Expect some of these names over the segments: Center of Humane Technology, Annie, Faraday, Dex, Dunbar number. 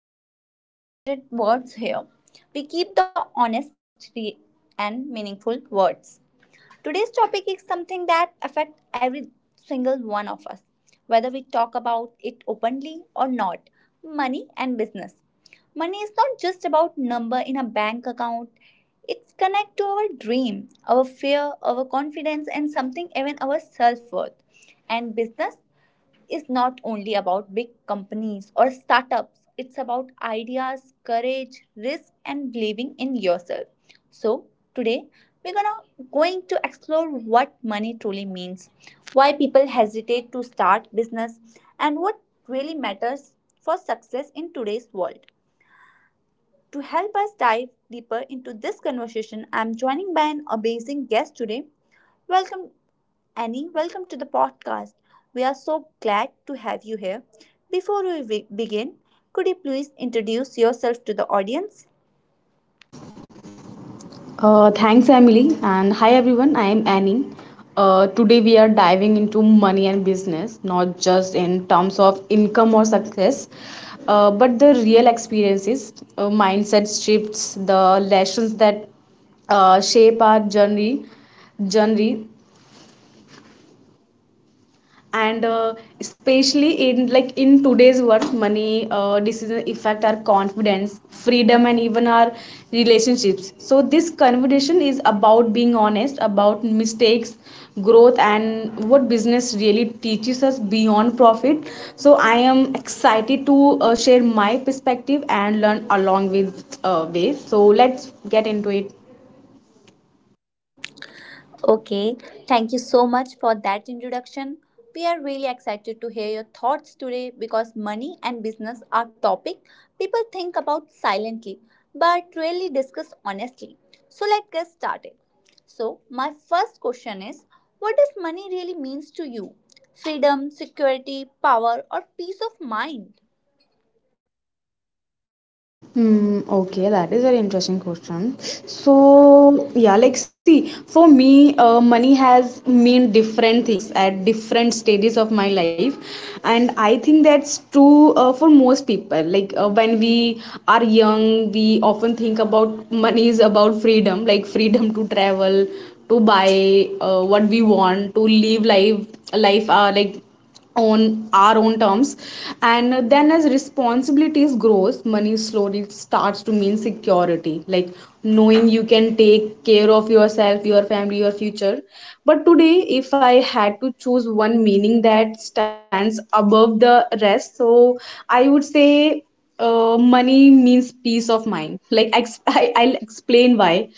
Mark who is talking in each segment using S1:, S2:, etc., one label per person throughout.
S1: We don't use complicated words here. We keep the honest and meaningful words. Today's topic is something that affects every single one of us, whether we talk about it openly or not, money and business. Money is not just about number in a bank account. It's connect to our dream, our fear, our confidence and something even our self-worth. And business is not only about big companies or startups, it's about ideas, courage, risk, and believing in yourself. So, today we're gonna going to explore what money truly means, why people hesitate to start business, and what really matters for success in today's world. To help us dive deeper into this conversation, I'm joining by an amazing guest today. Welcome Annie, welcome to the podcast. We are so glad to have you here. Before we begin, could you please introduce yourself to the audience?
S2: Thanks, Emily. And hi, everyone. I am Annie. Today, we are diving into money and business, not just in terms of income or success, but the real experiences, mindset shifts, the lessons that shape our journey and especially in like in today's world, money decision affect our confidence, freedom, and even our relationships. So this conversation is about being honest about mistakes, growth, and what business really teaches us beyond profit. So I am excited to share my perspective and learn along with way. So let's get into it.
S1: Okay, thank you so much for that introduction. We are really excited to hear your thoughts today because money and business are topic people think about silently but rarely discuss honestly. So let's get started. So my first question is, what does money really means to you? Freedom, security, power or peace of mind?
S2: Hmm, okay, that is very interesting question. So, yeah, like see, for me, money has mean different things at different stages of my life, and I think that's true for most people. Like when we are young, we often think about money is about freedom, like freedom to travel, to buy what we want, to live life like on our own terms. And then as responsibilities grows, money slowly starts to mean security, like knowing you can take care of yourself, your family, your future. But today, if I had to choose one meaning that stands above the rest, so I would say money means peace of mind. Like I'll explain why.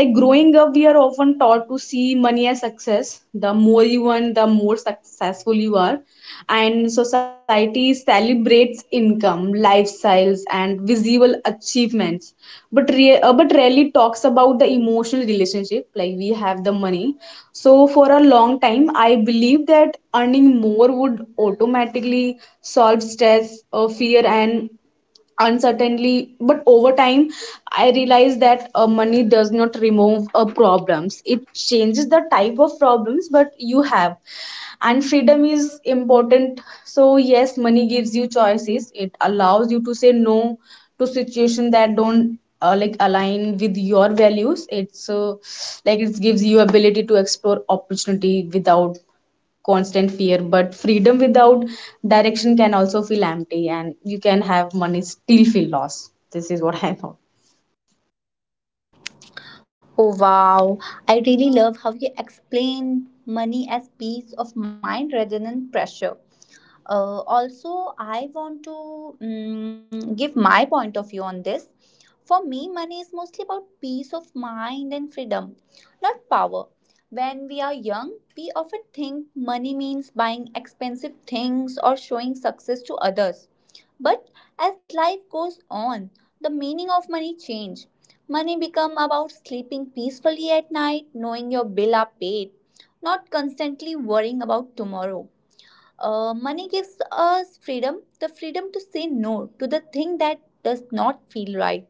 S2: Like growing up, we are often taught to see money as success. The more you earn, the more successful you are. And society celebrates income, lifestyles, and visible achievements, but but rarely talks about the emotional relationship. Like we have the money. So for a long time, I believe that earning more would automatically solve stress, fear, and uncertainly. But over time, I realized that money does not remove problems, it changes the type of problems but you have. And freedom is important. So yes, money gives you choices, it allows you to say no to situations that don't like align with your values. It's like it gives you ability to explore opportunity without constant fear. But freedom without direction can also feel empty, and you can have money still feel lost. This is what I thought.
S1: Oh wow, I really love how you explain money as peace of mind rather than pressure. Also, I want to give my point of view on this. For me, money is mostly about peace of mind and freedom, not power. When we are young, we often think money means buying expensive things or showing success to others. But as life goes on, the meaning of money change. Money become about sleeping peacefully at night, knowing your bill are paid, not constantly worrying about tomorrow. Money gives us freedom, the freedom to say no to the thing that does not feel right,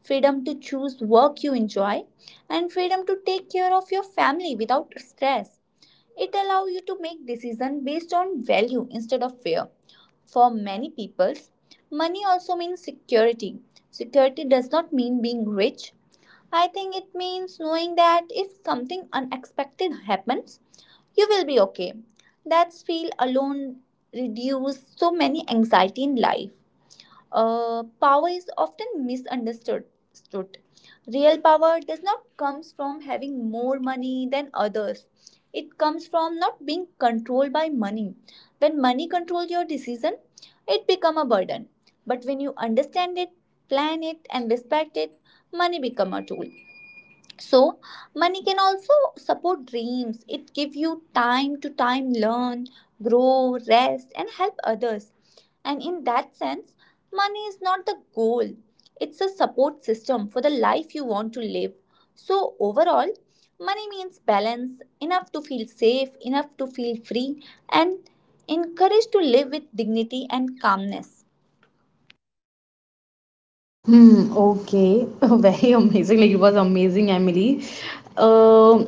S1: freedom to choose work you enjoy, and freedom to take care of your family without stress. It allows you to make decisions based on value instead of fear. For many peoples, money also means security. Security does not mean being rich. I think it means knowing that if something unexpected happens, you will be okay. That's feel alone reduce so many anxiety in life. Power is often misunderstood. Stood. Real power does not comes from having more money than others. It comes from not being controlled by money. When money controls your decision, it become a burden. But when you understand it, plan it, and respect it, money become a tool. So money can also support dreams. It give you time to time learn, grow, rest and help others, and in that sense money is not the goal, it's a support system for the life you want to live. So overall, money means balance, enough to feel safe, enough to feel free, and encouraged to live with dignity and calmness.
S2: Hmm, okay. Very amazing. Like it was amazing, Emily. Um,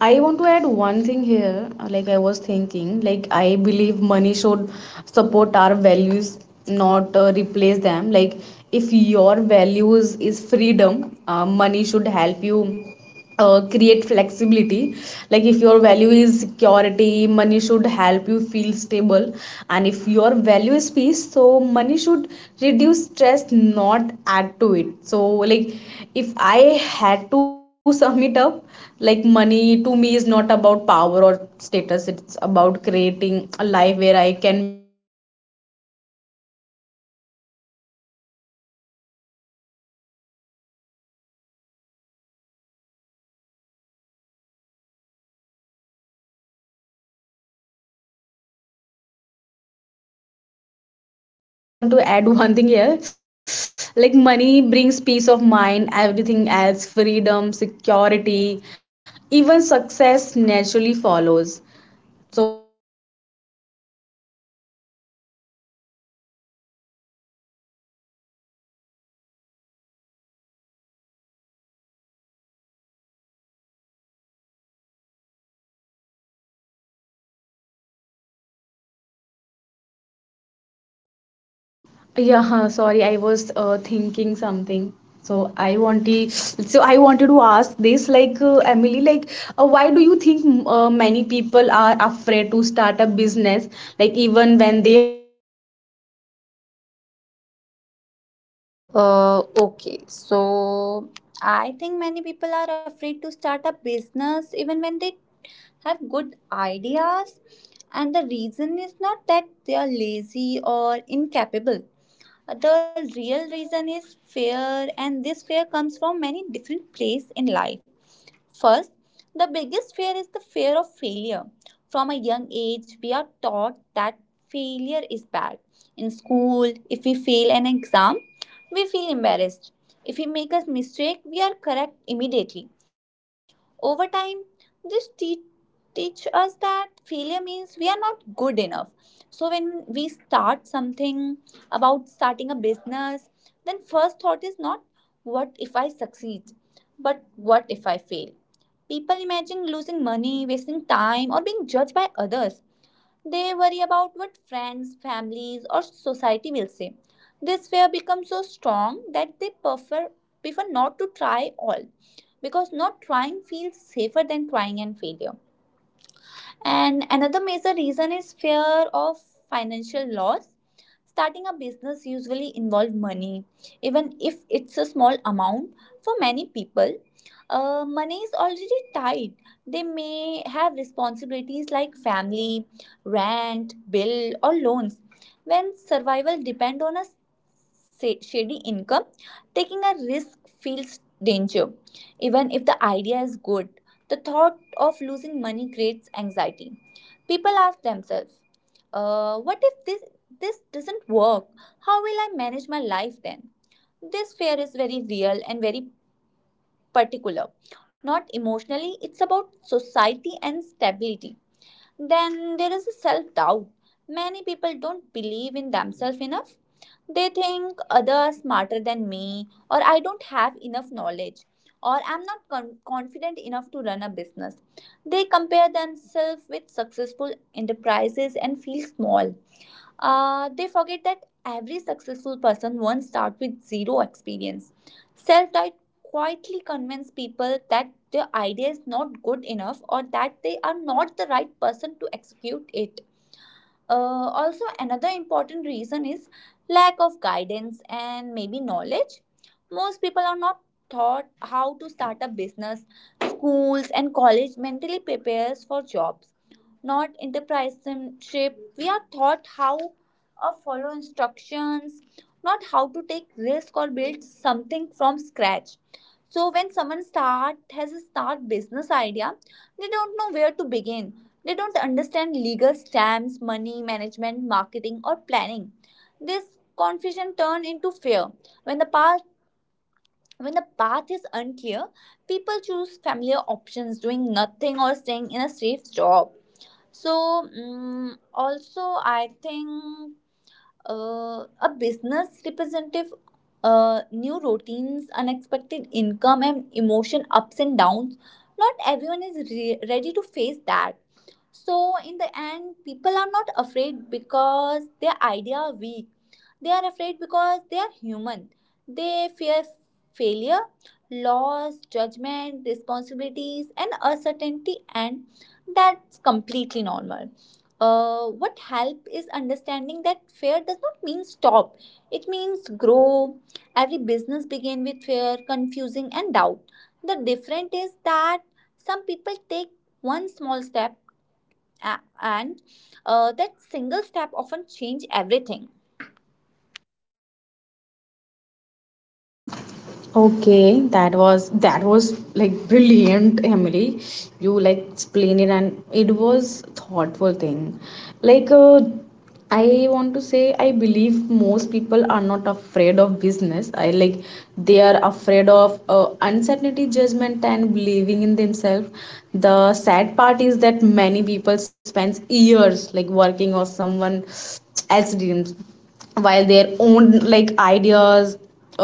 S2: I want to add one thing here. Like I was thinking, like I believe money should support our values, not replace them. Like if your values is freedom, money should help you create flexibility. Like if your value is security, money should help you feel stable. And if your value is peace, so money should reduce stress, not add to it. So like if I had to sum it up, like money to me is not about power or status. It's about creating a life where I can make my choice, or like choices with clarity and uh, handle challenges with confidence. uh like uh i like I also want to add one thing here. Like money brings peace of mind, everything else, freedom, security, even success naturally follows. So I yeah, so I want to ask one question to you, Emily. Yeah, huh, sorry, I was thinking something. So I wanted to ask this, like Emily, like why do you think many people are afraid to start a business, like even when they have good ideas? Okay,
S1: Okay,
S2: so
S1: so I think many people are afraid to start a business even when they have good ideas, and the reason is not that they are lazy or incapable. The real reason is fear, and this fear comes from many different places in life. First, the biggest fear is the fear of failure. From a young age, we are taught that failure is bad. In school, if we fail an exam, we feel embarrassed. If we make a mistake, we are correct immediately. Over time, this teach us that failure means we are not good enough. So when we start something about starting a business, then first thought is not what if I succeed, but what if I fail? People imagine losing money, wasting time, or being judged by others. They worry about what friends, families, or society will say. This fear becomes so strong that they prefer not to try all, because not trying feels safer than trying and failure. And another major reason is fear of financial loss. Starting a business usually involves money, even if it's a small amount. For many people, money is already tight. They may have responsibilities like family, rent, bill, or loans. When survival depend on a shady income, taking a risk feels danger. Even if the idea is good, the thought of losing money creates anxiety. People ask themselves, what if this doesn't work? How will I manage my life then? This fear is very real and very particular. Not emotionally, it's about society and stability. Then there is a self doubt. Many people don't believe in themselves enough. They think others smarter than me, or I don't have enough knowledge, or I'm not confident enough to run a business. They compare themselves with successful enterprises and feel small. They forget that every successful person once started with zero experience. Self doubt quietly convinces people that their idea is not good enough or that they are not the right person to execute it. Also, another important reason is lack of guidance and maybe knowledge. Most people are not taught how to start a business. Schools and college mentally prepares for jobs, not entrepreneurship. We are taught how to follow instructions, not how to take risk or build something from scratch. So when someone start has a start business idea, they don't know where to begin. They don't understand legal stamps, money management, marketing, or planning. This confusion turns into fear. When the path when the path is unclear, people choose familiar options, doing nothing or staying in a safe job. So also, I think a business representative. New routines, unexpected income, and emotion ups and downs. Not everyone is ready to face that. So in the end, people are not afraid because their idea are weak. They are afraid because they are human. They fear failure, loss, judgment, responsibilities, and uncertainty, and that's completely normal. What help is understanding that fear does not mean stop. It means grow. Every business begin with fear, confusing, and doubt. The difference is that some people take one small step and that single step often change everything.
S2: okay, that was like brilliant, Emily. You like explained it, and it was thoughtful thing. Like I want to say, I believe most people are not afraid of business. I like they are afraid of uncertainty, judgment, and believing in themselves. The sad part is that many people spend years like working on someone else dreams, while their own like ideas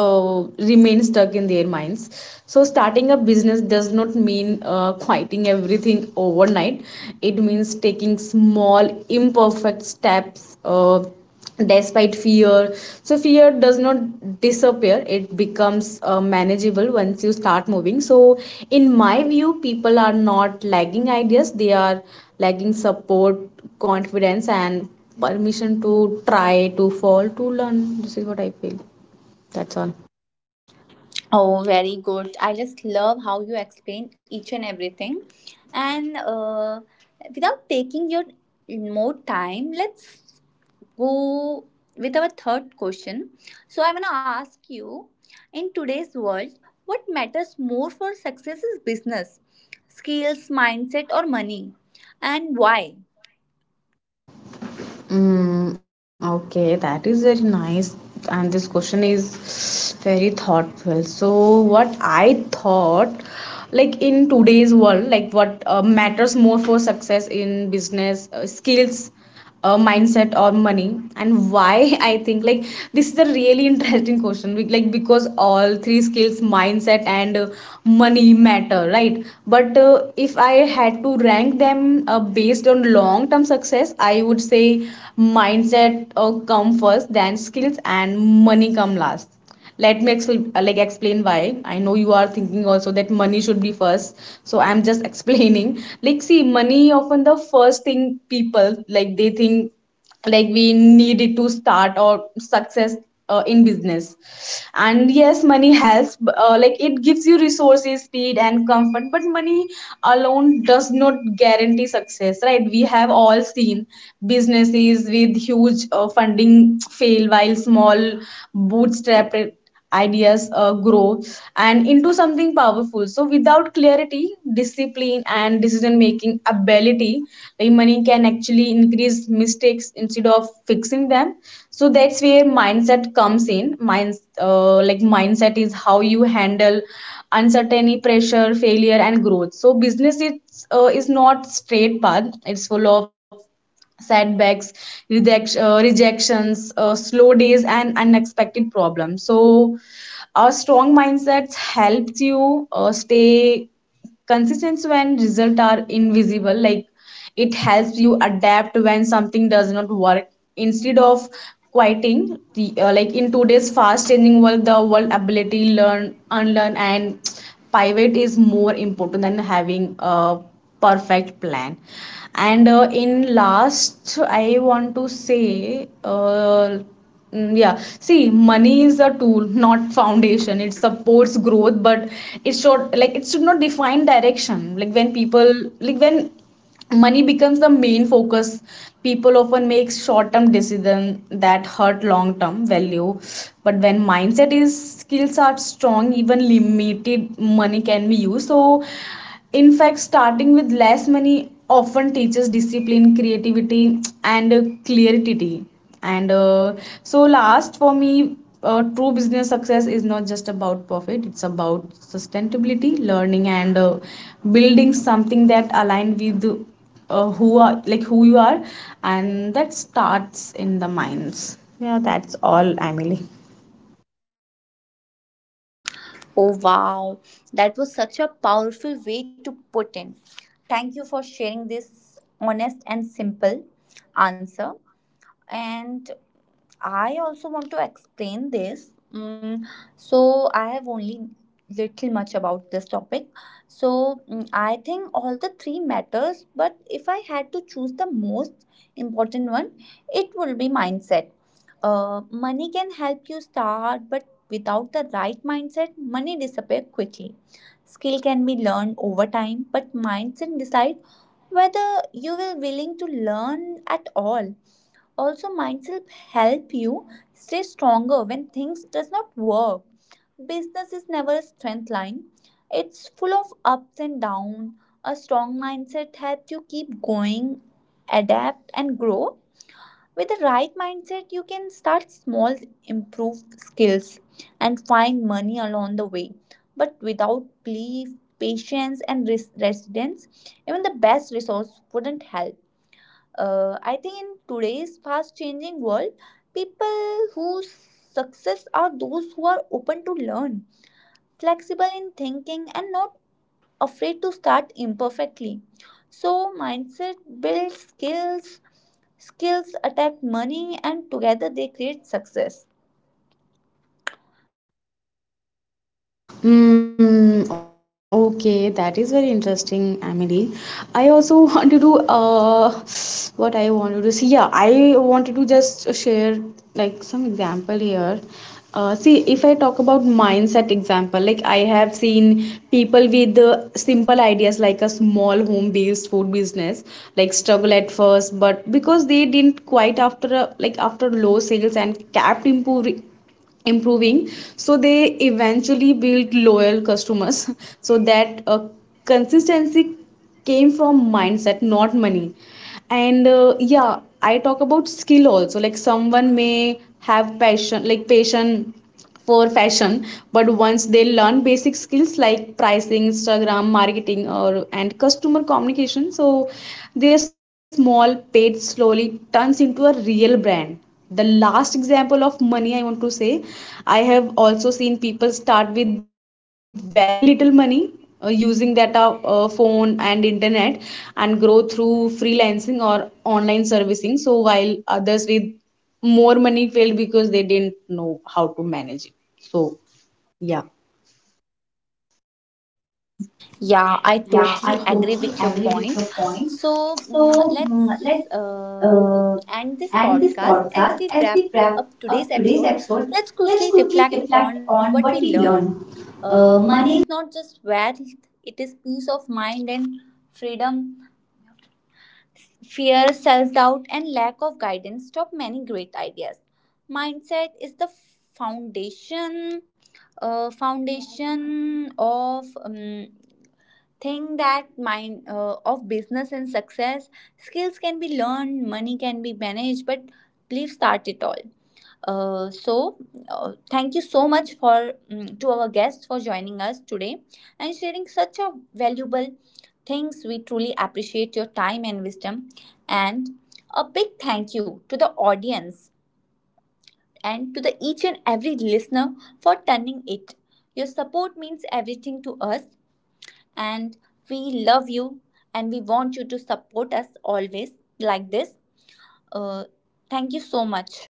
S2: remain stuck in their minds. So starting a business does not mean quitting everything overnight, it means taking small imperfect steps despite fear. So fear does not disappear, it becomes manageable once you start moving. So in my view, people are not lagging ideas, they are lagging support, confidence, and permission to try, to fall, to learn. This is what I feel. That's all.
S1: Oh, very good. I just love how you explain each and everything. And without taking your more time, let's go with our third question. So, I'm going to ask you, in today's world, what matters more for success is business, skills, mindset, or money, and why?
S2: Mm, okay, that is very nice. And this question is very thoughtful. So, what I thought, like in today's world, like what matters more for success in business, skills, mindset, or money, and why? I think like this is a really interesting question. Like because all three, skills, mindset, and money matter, right? But if I had to rank them based on long term success, I would say mindset come first, then skills, and money come last. Let me like explain why. I know you are thinking also that money should be first, so I'm just explaining. Like see, money often the first thing people like they think, like we needed to start or success in business. And yes, money helps, like it gives you resources, speed, and comfort. But money alone does not guarantee success, right? We have all seen businesses with huge funding fail, while small bootstrap ideas grow and into something powerful. So without clarity, discipline, and decision making ability, like money can actually increase mistakes instead of fixing them. So that's where mindset comes in. Minds Like mindset is how you handle uncertainty, pressure, failure, and growth. So business is is not straight path, it's full of setbacks, reject, rejections, slow days, and unexpected problems. So a strong mindset helps you stay consistency when results are invisible. Like it helps you adapt when something does not work instead of quieting the like in today's fast changing world, the world ability learn, unlearn, and pivot is more important than having a perfect plan. And in last I want to say mm, yeah, see, money is a tool, not foundation. It supports growth, but it should like it should not define direction. Like when people like when money becomes the main focus, people often make short-term decisions that hurt long-term value. But when mindset is skills are strong, even limited money can be used. So in fact, starting with less money often teaches discipline, creativity, and clarity. And so, last for me, true business success is not just about profit, it's about sustainability, learning, and building something that align with who are like who you are, and that starts in the minds. Yeah, that's all, Emily.
S1: Oh, wow. That was such a powerful way to put in. Thank you for sharing this honest and simple answer. And I also want to explain this. So I have only little much about this topic. So I think all the three matters, but if I had to choose the most important one, it will be mindset. Money can help you start, but without the right mindset, money disappears quickly. Skill can be learned over time, but mindset decide whether you will willing to learn at all. Also, mindset help you stay stronger when things does not work. Business is never a strength line. It's full of ups and downs. A strong mindset helps you keep going, adapt and grow. With the right mindset, you can start small, improve skills, and find money along the way. But without belief, patience, and resilience, even the best resource wouldn't help. I think in today's fast changing world, people whose success are those who are open to learn, flexible in thinking, and not afraid to start imperfectly. So, mindset builds skills, skills attract money, and together they create success.
S2: Mm, okay, that is very interesting, Emily. I also wanted to what I wanted to see. Yeah, I wanted to just share like some example here. See, if I talk about mindset example, like I have seen people with simple ideas like a small home-based food business, like struggle at first, but because they didn't quite after a, like after low sales and kept improving, so they eventually built loyal customers. So that consistency came from mindset, not money. And yeah, I talk about skill also, like someone may have passion for fashion, but once they learn basic skills like pricing, Instagram marketing, or and customer communication, so their small paid slowly turns into a real brand. The last example of money I want to say, I have also seen people start with very little money, using data, phone and internet, and grow through freelancing or online servicing. So while others with more money failed because they didn't know how to manage it. So yeah.
S1: Yeah, I totally agree with your point. So let's end this podcast. As we wrap up today's episode, let's quickly reflect on what we learned. Money is not just wealth, it is peace of mind and freedom. Fear, self doubt, and lack of guidance stop many great ideas. Mindset is the foundation, foundation of. Think that mind of business and success. Skills can be learned, money can be managed, but believe start it all. So thank you so much for to our guests for joining us today and sharing such a valuable things. We truly appreciate your time and wisdom, and a big thank you to the audience and to the each and every listener for turning it. Your support means everything to us, and we love you, and we want you to support us always like this. Uh, thank you so much.